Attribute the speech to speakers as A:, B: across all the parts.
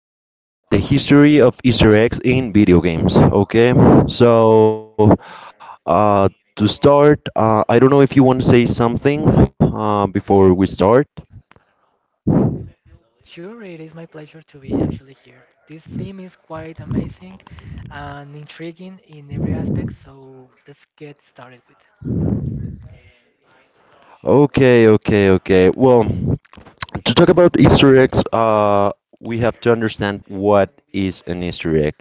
A: the history of Easter eggs in video games. Okay, so uh, to start, I don't know if you want to say something before we start.
B: Sure, it is my pleasure to be actually here. This theme is quite amazing and intriguing in every aspect, so let's get started with.
A: Okay, okay, okay. Well, to talk about Easter eggs, we have to understand what is an Easter egg.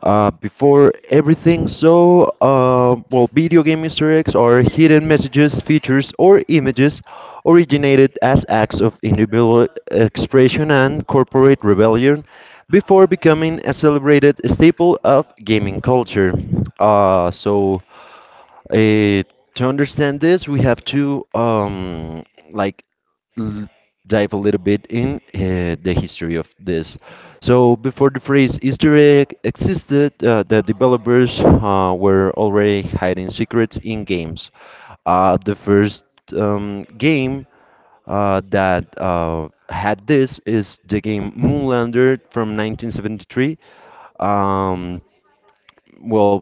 A: Before everything, so well, video game Easter eggs are hidden messages, features, or images originated as acts of individual expression and corporate rebellion before becoming a celebrated staple of gaming culture. Uh, so, to understand this, we have to like l- dive a little bit in the history of this. So before the phrase Easter egg existed, the developers were already hiding secrets in games. The first game that had this is the game Moonlander from 1973. Um, well,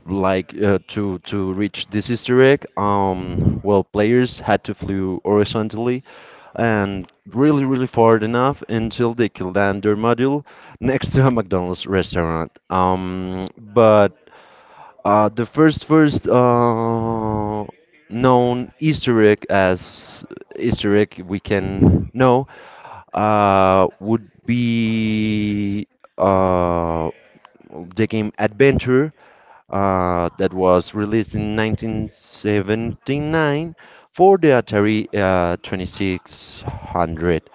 A: like to reach this Easter egg, well, players had to flew horizontally and really really far enough until they could land their module next to a McDonald's restaurant. But the first known Easter egg as Easter egg we can know would be uh, the game Adventure that was released in 1979 for the Atari 2600.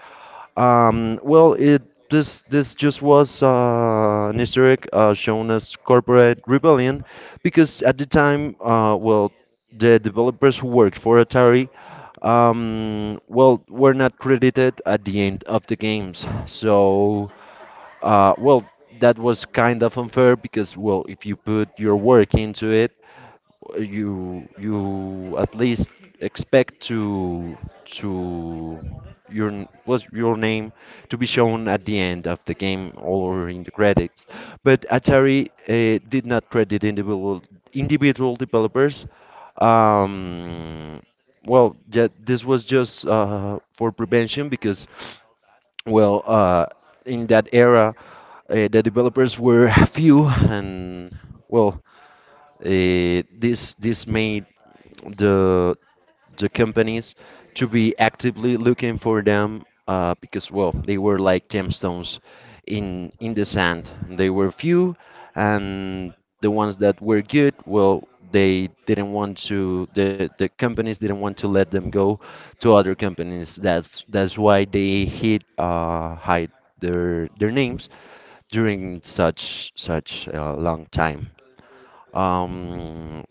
A: Well, it this this just was an Easter egg shown as corporate rebellion because at the time, well, the developers who worked for Atari. Well, were not credited at the end of the games, so well, that was kind of unfair because, well, if you put your work into it, you at least expect to your n- was your name to be shown at the end of the game or in the credits. But Atari did not credit individual developers. Um, well, yeah, this was just for prevention because well, in that era, the developers were few, and well, this made the the companies to be actively looking for them because well they were like gemstones in the sand. They were few, and the ones that were good, well, the companies didn't want to let them go to other companies. That's why they hid, hide their names during such a long time. um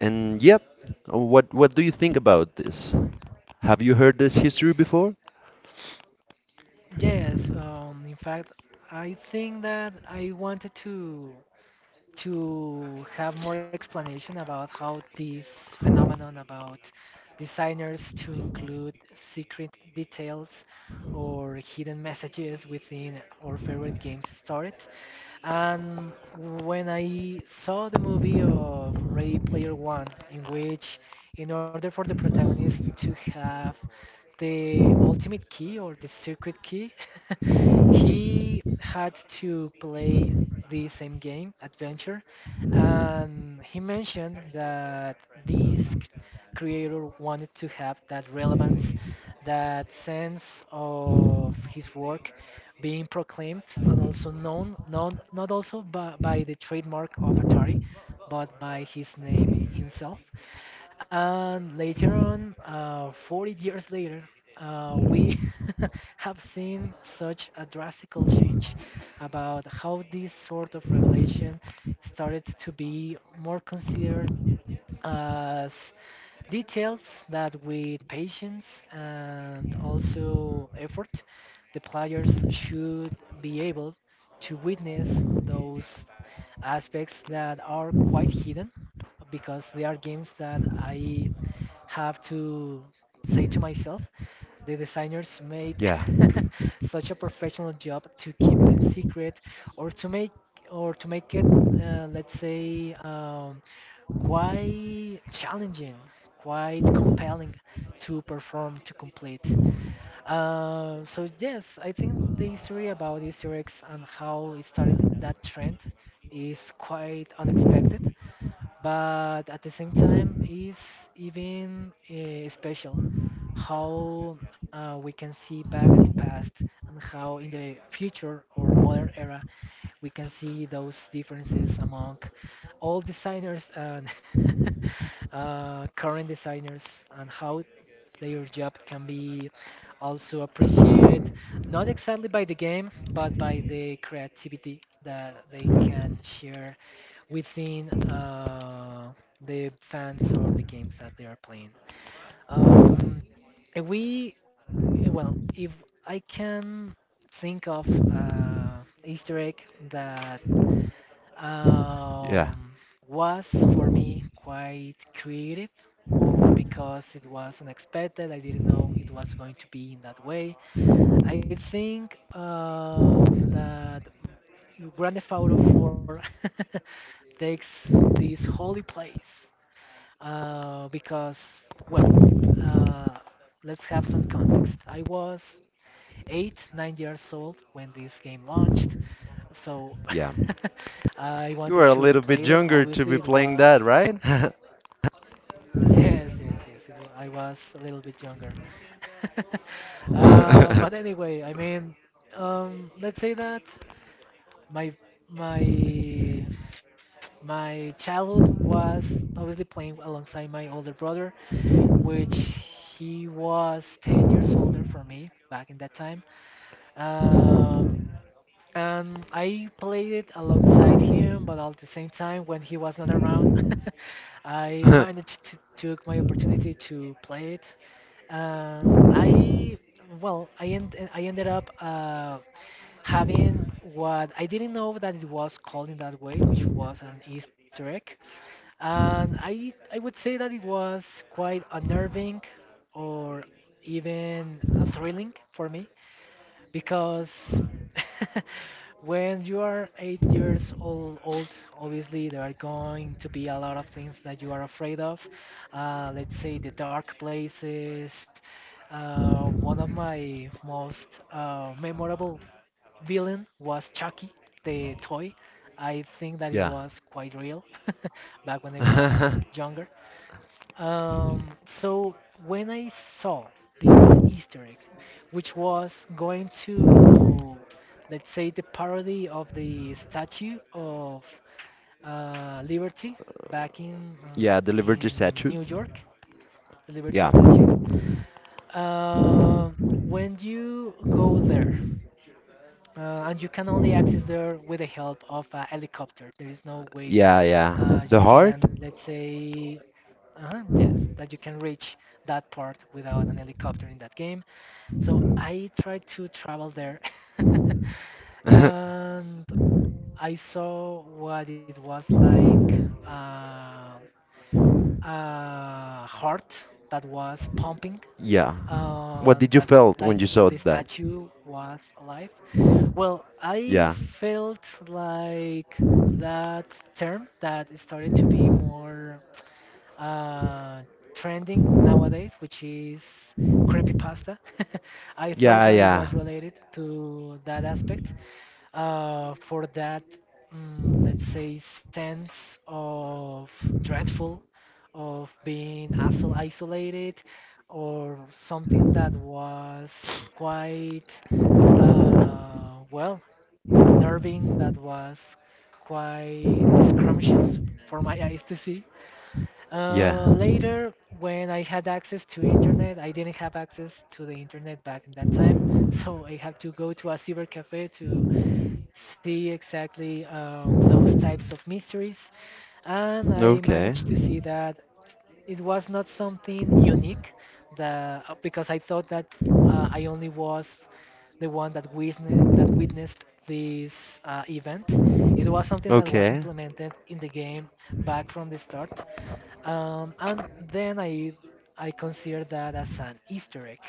A: and yep, what do you think about this? Have you heard this history before?
B: Yes, in fact, I think that I wanted to have more explanation about how this phenomenon about designers to include secret details or hidden messages within our favorite games started. And when I saw the movie of Ready Player One, in which, in order for the protagonist to have the ultimate key or the secret key, he had to play the same game, Adventure, and he mentioned that this creator wanted to have that relevance, that sense of his work being proclaimed and also known, known not also by the trademark of Atari, but by his name himself. And later on, 40 years later, we have seen such a drastical change about how this sort of revelation started to be more considered as details that with patience and also effort, the players should be able to witness those aspects that are quite hidden because they are games that I have to say to myself, the designers made
A: Yeah,
B: such a professional job to keep them secret or to make or to make it, let's say, quite challenging, quite compelling to perform to complete. So yes, I think the history about Easter eggs and how it started that trend is quite unexpected but at the same time is even special how we can see back at the past and how in the future or modern era we can see those differences among all designers and current designers and how their job can be also appreciated not exactly by the game but by the creativity that they can share within the fans or the games that they are playing. Um, we, well, if I can think of Easter egg that
A: yeah,
B: um, was for me quite creative, or because it was unexpected, I didn't know it was going to be in that way. I think that Grand Theft Auto 4 takes this holy place because, well, uh, let's have some context. I was eight, 9 years old when this game launched, so
A: yeah.
B: I
A: You
B: wanted
A: were a
B: to
A: little
B: play
A: bit
B: it.
A: younger to
B: Obviously,
A: be
B: it
A: playing
B: was
A: that, right?
B: yes, yes, yes. I was a little bit younger, but anyway, I mean, let's say that my my my childhood was obviously playing alongside my older brother, which he was 10 years older for me back in that time. Um, and I played it alongside him, but at the same time, when he was not around, I managed to took my opportunity to play it. Um, I I ended up having what I didn't know that it was called in that way, which was an Easter egg. And I would say that it was quite unnerving or even thrilling for me because when you are eight years old, obviously there are going to be a lot of things that you are afraid of. Let's say the dark places. One of my most memorable villain was Chucky, the toy. I think that it
A: Yeah.
B: was quite real back when I was younger. So when I saw this Easter egg, which was going to, let's say, the parody of the Statue of Liberty back
A: Yeah, the Liberty
B: in
A: statue.
B: New York, the Liberty
A: Yeah.
B: Statue. Um, when you go there and you can only access there with the help of a helicopter. There is no way
A: Yeah, yeah. The
B: you
A: heart?
B: can, let's say, yes, that you can reach that part without an helicopter in that game. So I tried to travel there, and I saw what it was like uh, a heart that was pumping,
A: Yeah. What did you
B: that
A: felt
B: like
A: when you
B: if
A: saw
B: the
A: that?
B: statue was alive. Well,
A: Yeah.
B: I felt like that term that started to be more uh, trending nowadays, which is creepypasta. I thought
A: Yeah,
B: that it
A: yeah.
B: was related to that aspect for that, let's say, sense of dreadful, of being isolated, or something that was quite uh, well nerving. That was quite scrumptious for my eyes to see.
A: Yeah.
B: Later, when I had access to internet, I didn't have access to the internet back in that time, so I had to go to a cyber cafe to see exactly those types of mysteries, and I
A: Okay.
B: managed to see that it was not something unique the because I thought that I only was the one that witnessed this event. It was something that was
A: Okay.
B: implemented in the game back from the start, and then I consider that as an Easter egg.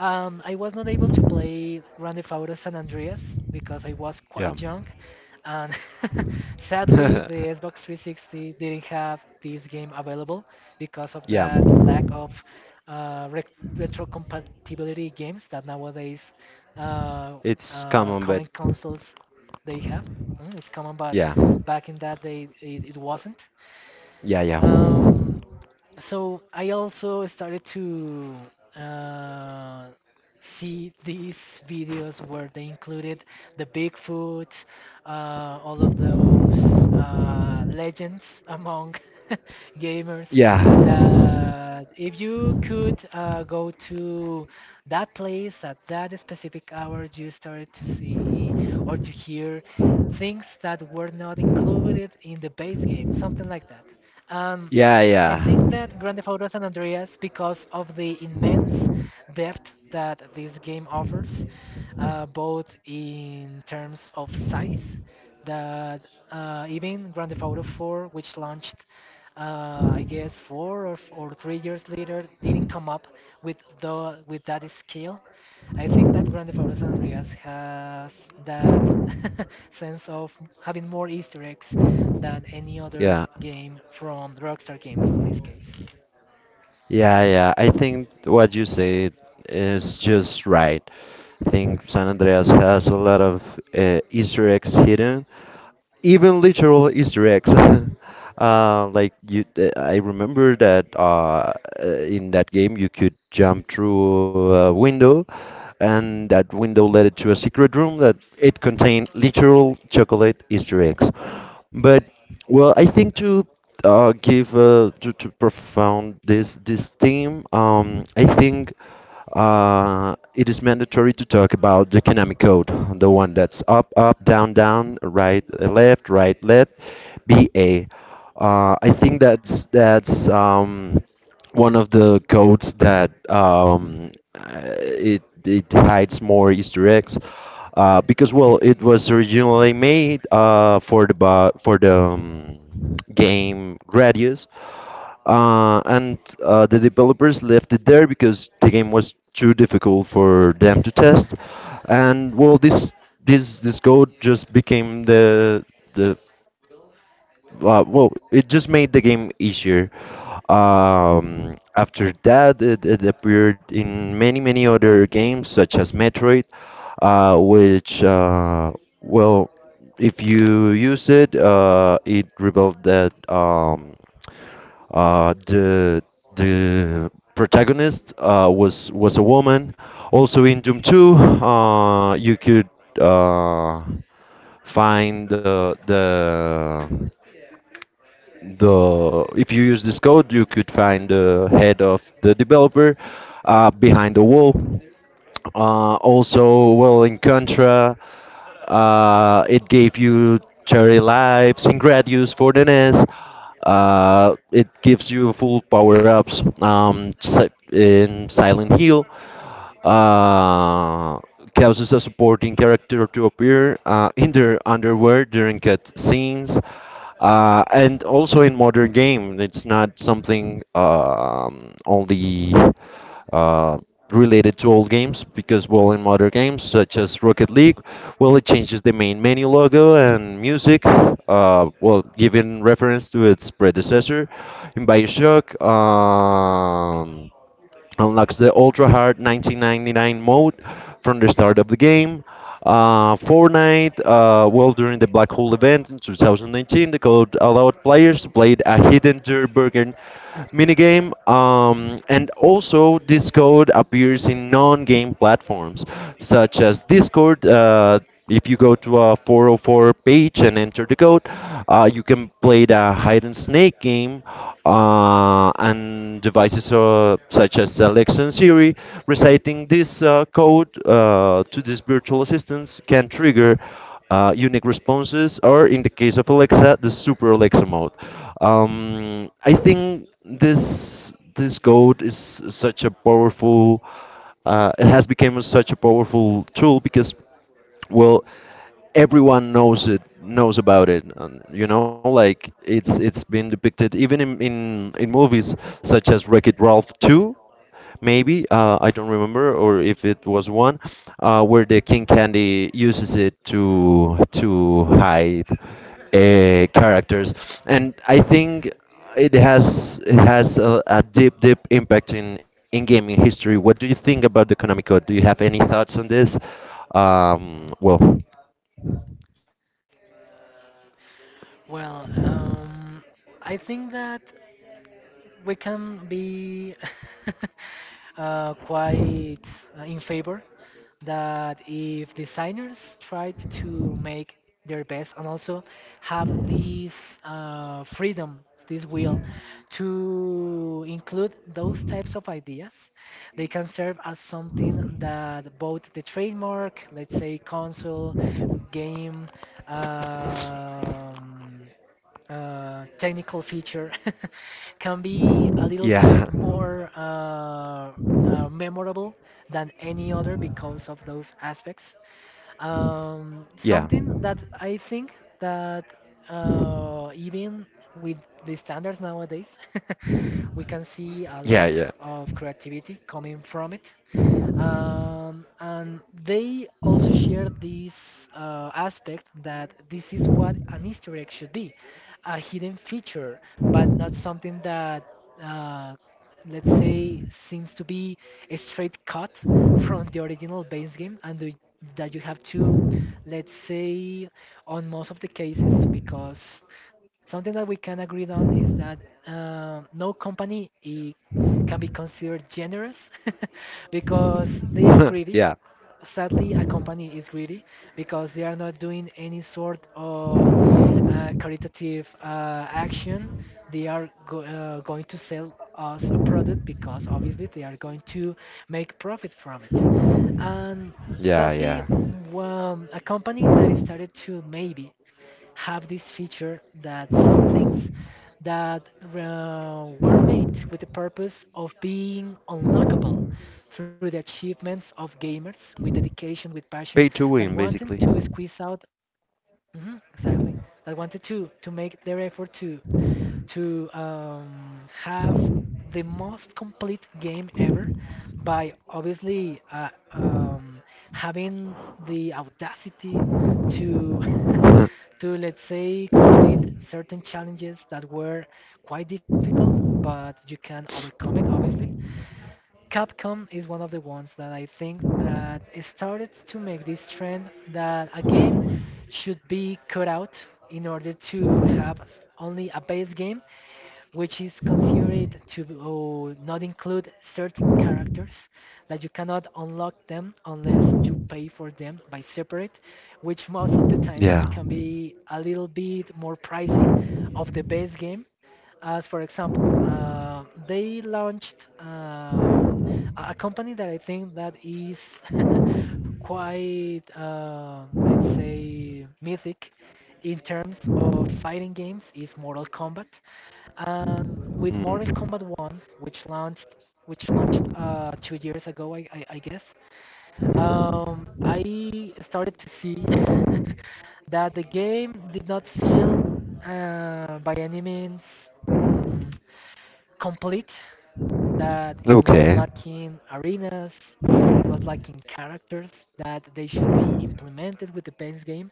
B: I was not able to play Grand Theft Auto San Andreas because I was
A: Yeah.
B: quite young, and sadly the Xbox 360 didn't have this game available because of
A: Yeah,
B: that lack of uh, re- retrocompatibility games that nowadays uh,
A: it's common, but
B: current consoles they have. It's common, but
A: yeah,
B: back in that day it wasn't.
A: yeah, yeah,
B: Um, so I also started to uh, see these videos where they included the Bigfoot, all of those legends among gamers.
A: yeah,
B: That if you could go to that place at that specific hour, you started to see or to hear things that were not included in the base game, something like that. Um,
A: yeah,
B: I
A: yeah,
B: think that Grand Theft Auto San Andreas, because of the immense depth that this game offers, both in terms of size, that even Grand Theft Auto 4, which launched, I guess, four or, or 3 years later, didn't come up with that scale. I think that Grand Theft Auto San Andreas has that sense of having more Easter eggs than any other
A: yeah,
B: game from Rockstar Games on this case.
A: yeah, yeah. I think what you said is just right. I think San Andreas has a lot of Easter eggs hidden, even literal Easter eggs. Like you, I remember that in that game you could jump through a window, and that window led it to a secret room that it contained literal chocolate Easter eggs. But well, I think to, give, to profound this theme, I think it is mandatory to talk about the economic code, the one that's up, up, down, down, right, left, BA. I think that's one of the codes that it hides more Easter eggs, because well it was originally made for the for the game Gradius and the developers left it there because the game was too difficult for them to test. And well, this code just became the well, it just made the game easier. After that, it appeared in many, many other games, such as Metroid, which, well, if you use it, it revealed that uh, the the protagonist was a woman. Also in Doom 2, you could uh, find the if you use this code, you could find the head of the developer behind the wall. Also, well, in Contra, it gave you cherry lives, in Gradius for the NES. It gives you full power ups. In Silent Hill, uh, causes a supporting character to appear in their underwear during cutscenes. And also in modern game, it's not something only uh, related to old games because, well, in modern games such as Rocket League, well, it changes the main menu logo and music, well, giving reference to its predecessor. In Bioshock, unlocks the ultra hard 1999 mode from the start of the game. Fortnite, well, during the Black Hole event in 2019, the code allowed players to play a hidden Dirty Burger minigame, and also this code appears in non game platforms such as Discord. If you go to a 404 page and enter the code, you can play the hide and snake game, and devices, such as Alexa and Siri. Reciting this code to these virtual assistants can trigger unique responses, or in the case of Alexa, the Super Alexa mode. I think this code is such a powerful, it has become such a powerful tool because well, everyone knows it knows about it, and you know like it's been depicted even in in movies such as Wreck It Ralph 2, maybe, I don't remember, or if it was one, where the King Candy uses it to hide, characters, and I think it has a deep deep impact in gaming history. What do you think about the Konami Code? Do you have any thoughts on this? Well,
B: Well, I think that we can be quite in favor that if designers tried to make their best and also have this freedom, this will to include those types of ideas, they can serve as something that both the trademark, let's say console, game, um, technical feature can be a little
A: yeah,
B: bit more memorable than any other because of those aspects.
A: yeah,
B: Something that I think that even with the standards nowadays, we can see a
A: yeah,
B: lot
A: yeah,
B: of creativity coming from it. And they also share this aspect that this is what an Easter egg should be, a hidden feature, but not something that uh, let's say, seems to be a straight cut from the original base game that you have to, let's say, on most of the cases, because something that we can agree on is that no company can be considered generous because they are greedy.
A: yeah,
B: Sadly, a company is greedy because they are not doing any sort of caritative action. They are go going to sell us a product because obviously they are going to make profit from it. And
A: yeah,
B: sadly,
A: yeah.
B: a company that is started to maybe have this feature that some things that were made with the purpose of being unlockable through the achievements of gamers with dedication, with passion,
A: Pay to
B: that
A: win,
B: wanted
A: basically.
B: to squeeze out, mhm, exactly, that wanted to make their effort to have the most complete game ever by obviously having the audacity to to let's say complete certain challenges that were quite difficult but you can overcome it obviously. Capcom is one of the ones that I think that started to make this trend that a game should be cut out in order to have only a base game which is considered to not include certain characters that you cannot unlock them unless you pay for them by separate, which most of the times
A: Yeah.
B: can be a little bit more pricey of the base game. As for example, they launched a company that I think that is quite, let's say, mythic in terms of fighting games is Mortal Kombat. And with Mortal
A: Mm.
B: Kombat 1, which launched 2 years ago, I guess, I started to see that the game did not feel by any means mm, complete, that it was
A: Okay.
B: lacking arenas, it was lacking characters that they should be implemented with the base game.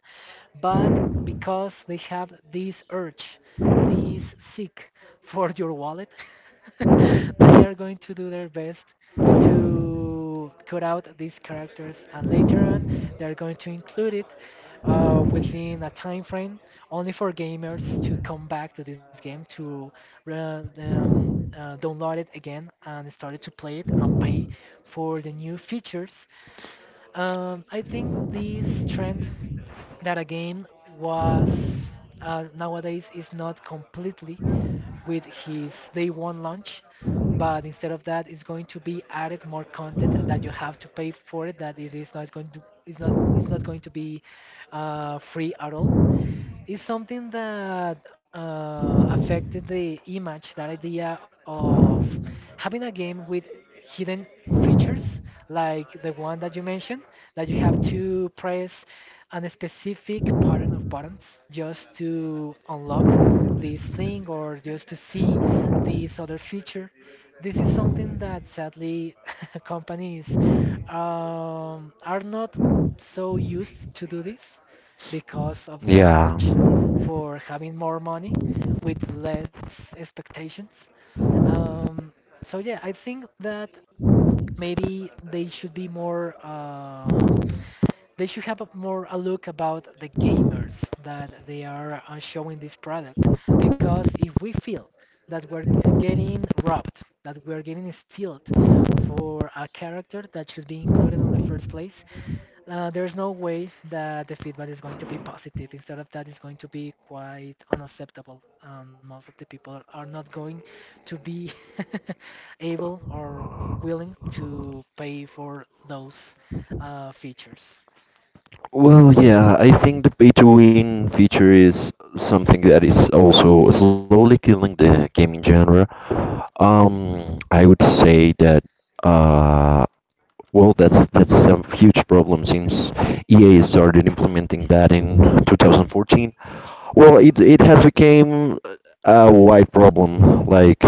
B: But because they have this urge, this seek for your wallet, they are going to do their best to cut out these characters, and later on they're going to include it within a time frame, only for gamers to come back to this game to download it again and started to play it and pay for the new features. I think this trend, that again was nowadays is not completely with his day one launch, but instead of that it's going to be added more content that you have to pay for it, that it is not going to it's not going to be free at all. It's something that affected the image, that idea of having a game with hidden features like the one that you mentioned, that you have to press a specific pattern of buttons just to unlock this thing or just to see this other feature. This is something that sadly companies are not so used to do this because of that
A: Yeah.
B: urge for having more money with less expectations. Um, so yeah, I think that maybe they should be more. They should have a, more a look about the gamers that they are showing this product, because if we feel that getting robbed, that we're getting stealed for a character that should be included on the first place, there's no way that the feedback is going to be positive. Instead of that, it's going to be quite unacceptable. Most of the people are not going to be able or willing to pay for those features.
A: Well, yeah, I think the pay-to-win feature is something that is also slowly killing the gaming genre. I would say that, uh, well, that's some huge problem since EA started implementing that in 2014. Well, it has become a wide problem. Like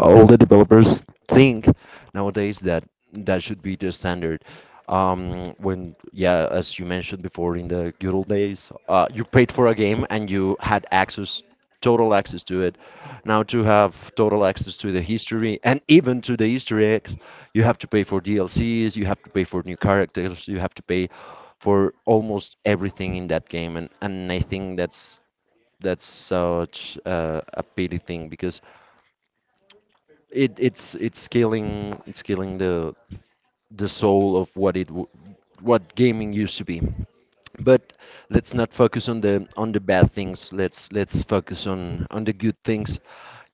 A: all the developers think nowadays that that should be the standard. When, yeah, as you mentioned before, in the good old days, you paid for a game and you had access, total access to it. Now to have total access to the history and even to the Easter eggs, you have to pay for DLCs, you have to pay for new characters, you have to pay for almost everything in that game, and I think that's such a pity thing because it's killing the soul of what gaming used to be. But let's not focus on the bad things. Let's focus on the good things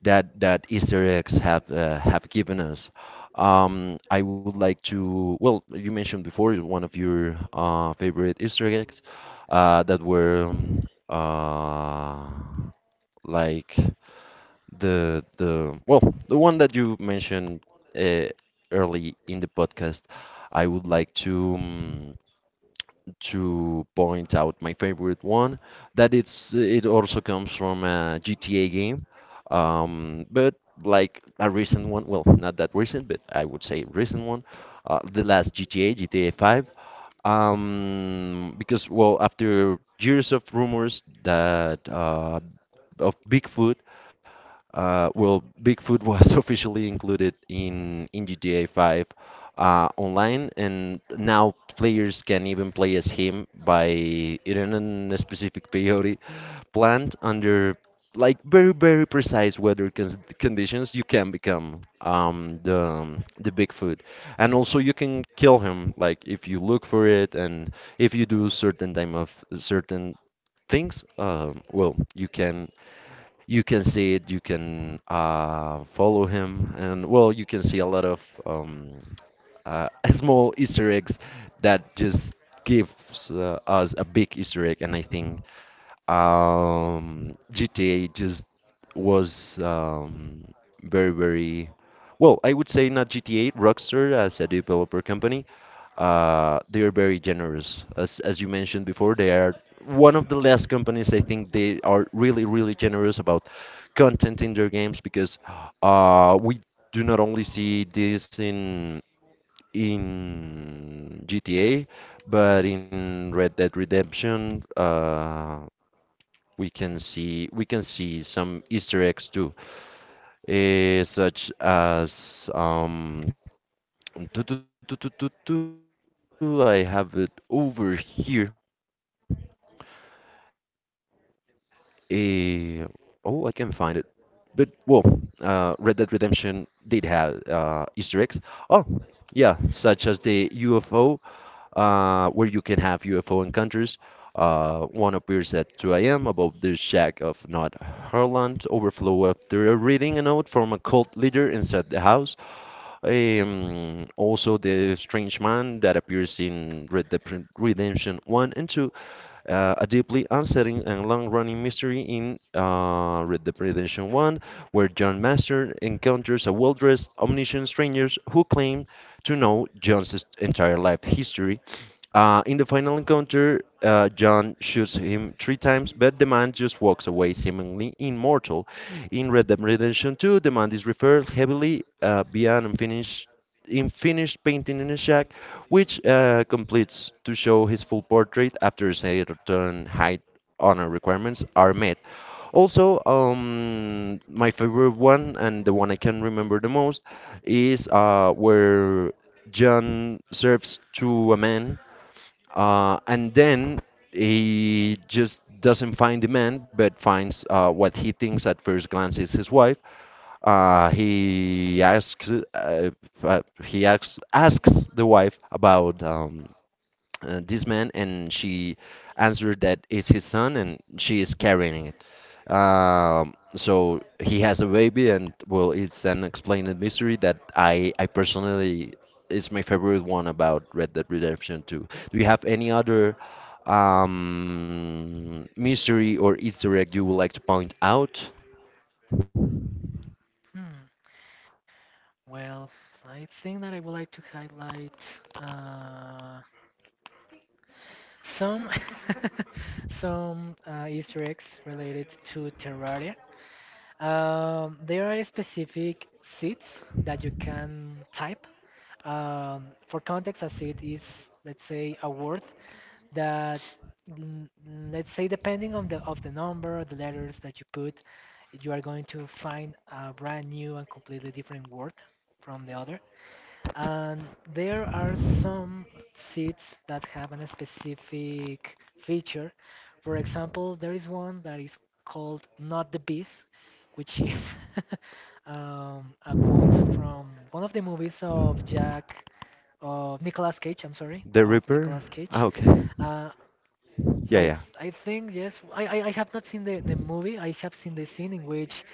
A: that Easter eggs have, have given us. I would like to, well, you mentioned before one of your favorite Easter eggs that were uh, like the well the one that you mentioned uh, early in the podcast. I would like to, to point out my favorite one that it's it also comes from a GTA game, but like a recent one, well, not that recent, but I would say recent one, the last GTA 5, because well after years of rumors that, of Bigfoot, well, Bigfoot was officially included in GTA 5, online, and now players can even play as him by in a specific peyote plant under like very very precise weather cons conditions. You can become, the Bigfoot, and also you can kill him like if you look for it and if you do certain time of certain things. Well, you can see it, you can follow him, and well, you can see a lot of um, small Easter eggs that just gives us a big Easter egg, and I think, GTA just was, very, very well. I would say not GTA, Rockstar as a developer company. They are very generous, as you mentioned before. They are one of the last companies I think they are really, really generous about content in their games because, we do not only see this in GTA, but in Red Dead Redemption. We can see some Easter eggs too, eh, such as, do, do, do, do, do, do, I have it over here. Eh, oh, I can find it. But well, Red Dead Redemption did have Easter eggs. Oh, yeah, such as the UFO, where you can have UFO encounters. One appears at 2 a.m. above the shack of Nod Herland. Overflow after reading a note from a cult leader inside the house. Also, the strange man that appears in Red Dead Redemption 1 and 2, a deeply unsettling and long-running mystery in, Red Dead Redemption 1, where John Master encounters a well-dressed, omniscient stranger who claims to know John's entire life history. In the final encounter, John shoots him three times, but the man just walks away, seemingly immortal. In Red Dead Redemption 2, the man is referred heavily, via an unfinished painting in a shack, which completes to show his full portrait after certain height honor requirements are met. Also, my favorite one and the one I can remember the most is, where John serves to a man, and then he just doesn't find the man, but finds, what he thinks at first glance is his wife. Uh, he asks, uh, he asks, the wife about, this man, and she answered that it's his son, and she is carrying it. So he has a baby, and well, it's an explained mystery that I personally is my favorite one about Red Dead Redemption 2. Do you have any other, mystery or Easter egg you would like to point out?
B: Hmm. Well, I think that I would like to highlight uh, some some Easter eggs related to Terraria. There are specific seeds that you can type. For context, a seed is, let's say, a word that, mm, let's say, depending on the of the number, of the letters that you put, you are going to find a brand new and completely different word from the other. And there are some seeds that have a specific feature. For example, there is one that is called Not the Bees, which is a quote from one of the movies of Jack, of Nicolas Cage, I'm sorry,
A: The
B: of
A: Ripper?
B: Nicolas
A: Ah,
B: Cage.
A: okay.
B: Uh,
A: Yeah,
B: I,
A: yeah.
B: th- I think, yes, I have not seen the movie. I have seen the scene in which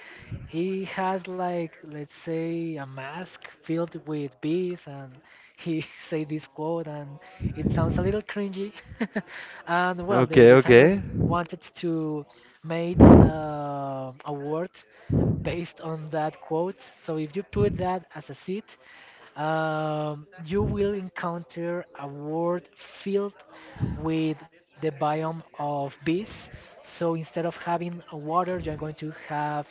B: he has, like, let's say, a mask filled with bees, and he say this quote, and it sounds a little cringy. And well, the
A: Okay,
B: designers
A: okay.
B: wanted to make a word based on that quote. So if you put that as a seed, you will encounter a world filled with the biome of beasts. So instead of having a water, you're going to have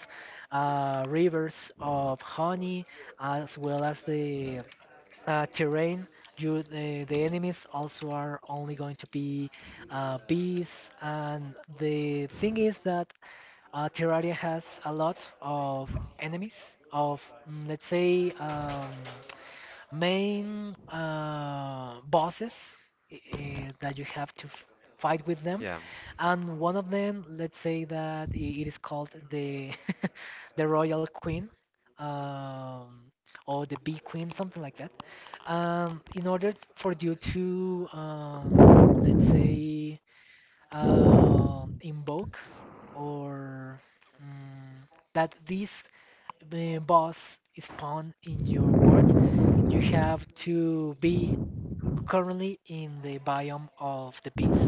B: rivers of honey, as well as the terrain. The enemies also are only going to be bees, and the thing is that Terraria has a lot of enemies. Of let's say. Main bosses that you have to f- fight with
A: Yeah.
B: them, and one of them, let's say that I it is called the the Royal Queen, um, or the Bee Queen, something like that. In order for you to, let's say, invoke or mm, that this boss spawn in your world, you have to be currently in the biome of the beast.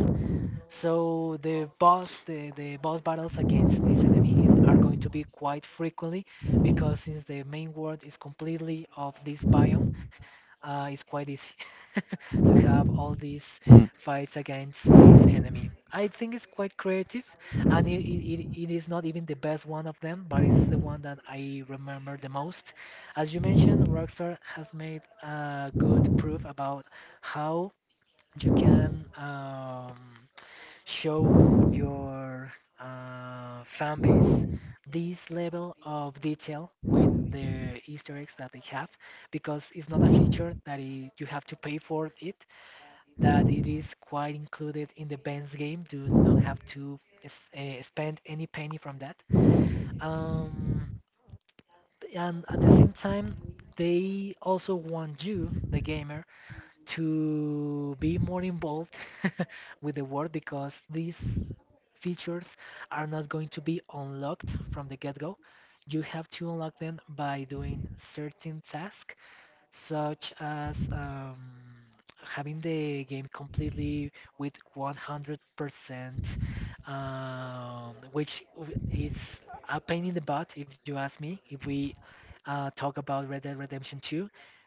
B: So the boss battles against this enemy is are going to be quite frequently, because since the main world is completely of this biome, it's quite easy to have all these
A: Mhm.
B: fights against this enemy. I think it's quite creative, and it is not even the best one of them, but it's the one that I remember the most. As you mentioned, Rockstar has made a good proof about how you can, show your fan base this level of detail with the Easter eggs that they have, because it's not a feature that you have to pay for it, that it is quite included in the band's game. You don't have to spend any penny from that. Um, and at the same time, they also want you, the gamer, to be more involved with the world, because these features are not going to be unlocked from the get-go. You have to unlock them by doing certain tasks, such as having the game completely with 100%, which it's a pain in the butt if you ask me. If we talk about Red Dead Redemption 2,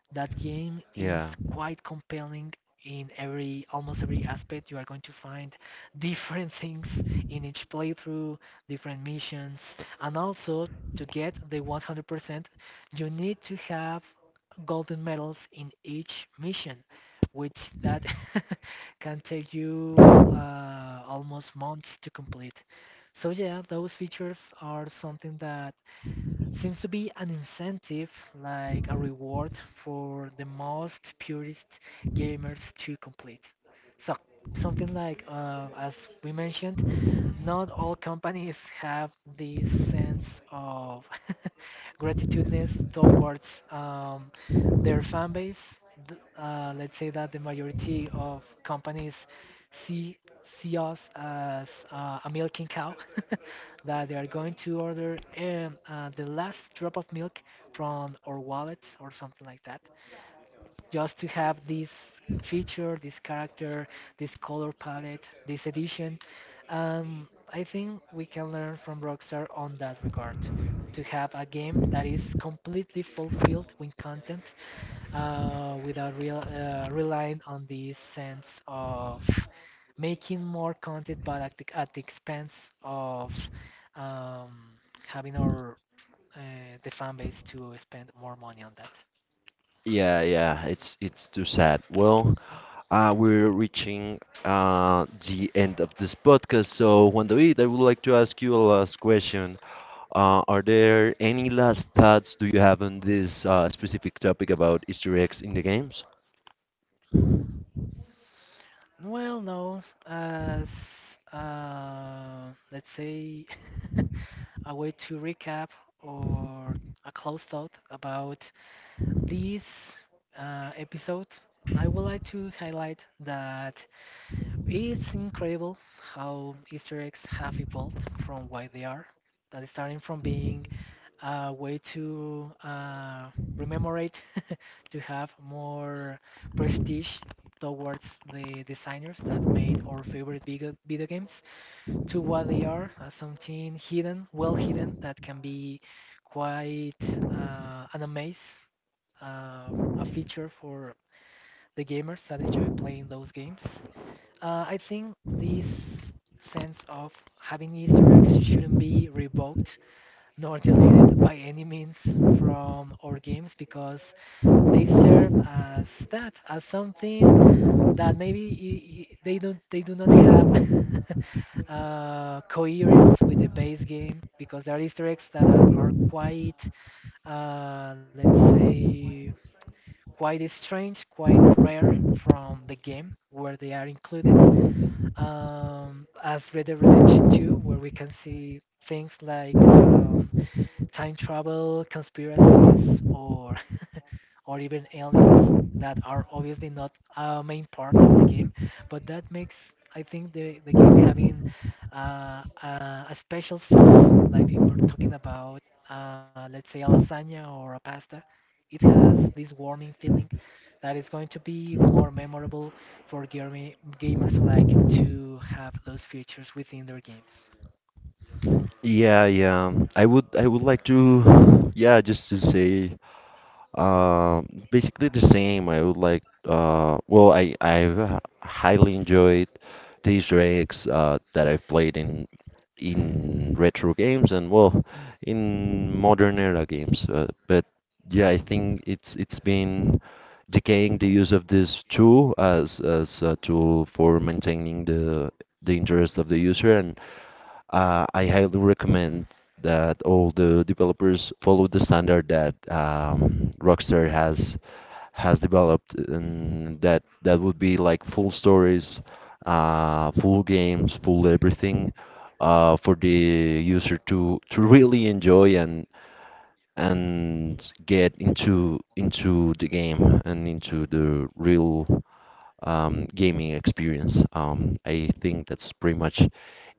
B: that game is
A: Yeah.
B: quite compelling in every almost every aspect. You are going to find different things in each playthrough, different missions, and also to get the 100%, you need to have golden medals in each mission, which that can take you almost months to complete. So yeah, those features are something that seems to be an incentive, like a reward for the most purist gamers to complete. So something like, as we mentioned, not all companies have this sense of gratitudeness towards their fan base. Let's say that the majority of companies see see us as a milking cow, that they are going to order the last drop of milk from our wallets or something like that, just to have this feature, this character, this color palette, this edition. I think we can learn from Rockstar on that regard, to have a game that is completely fulfilled with content without relying on the sense of making more content, but at at the expense of um, having our uh, the fan base to spend more money on that.
A: Yeah, yeah, it's too sad. Well, we're reaching the end of this podcast. So, Juan David, I would like to ask you a last question. Are there any last thoughts do you have on this, specific topic about Easter eggs in the games?
B: Well, no, as let's say, a way to recap, or a close thought about this episode, I would like to highlight that it's incredible how Easter eggs have evolved from what they are. That is, starting from being a way to rememorate to have more prestige towards the designers that made our favorite video games, to what they are, something hidden, well hidden, that can be quite an amaze a feature for the gamers that enjoy playing those games. I think this sense of having Easter eggs shouldn't be revoked nor deleted by any means from our games, because they serve as that, as something that maybe they do not have coherence with the base game, because there are Easter eggs that are quite, let's say, quite strange, quite rare from the game where they are included. As Red Dead Redemption 2, where we can see things like time travel conspiracies, or or even aliens, that are obviously not a main part of the game, but that makes, I think, the game having a special sauce, like we were talking about, let's say a lasagna or a pasta. It has this warming feeling that is going to be more memorable for gamers, like to have those features within their games.
A: Yeah, yeah. I would like to, yeah, just to say, basically the same. I would like, well, I've highly enjoyed the Easter eggs that I've played in retro games and, well, in modern era games. But yeah, I think it's been decaying the use of this tool as a tool for maintaining the interest of the user and. I highly recommend that all the developers follow the standard that, Rockstar has developed, and that that would be like full stories, full games, full everything, for the user to really enjoy and get into the game and into the real, gaming experience. I think that's pretty much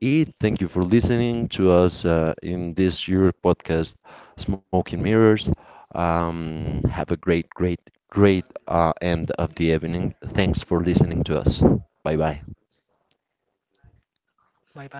A: it. Thank you for listening to us in this year podcast, Smoke and Mirrors. Have a great, great, great end of the evening. Thanks for listening to us. Bye bye.
B: Bye bye.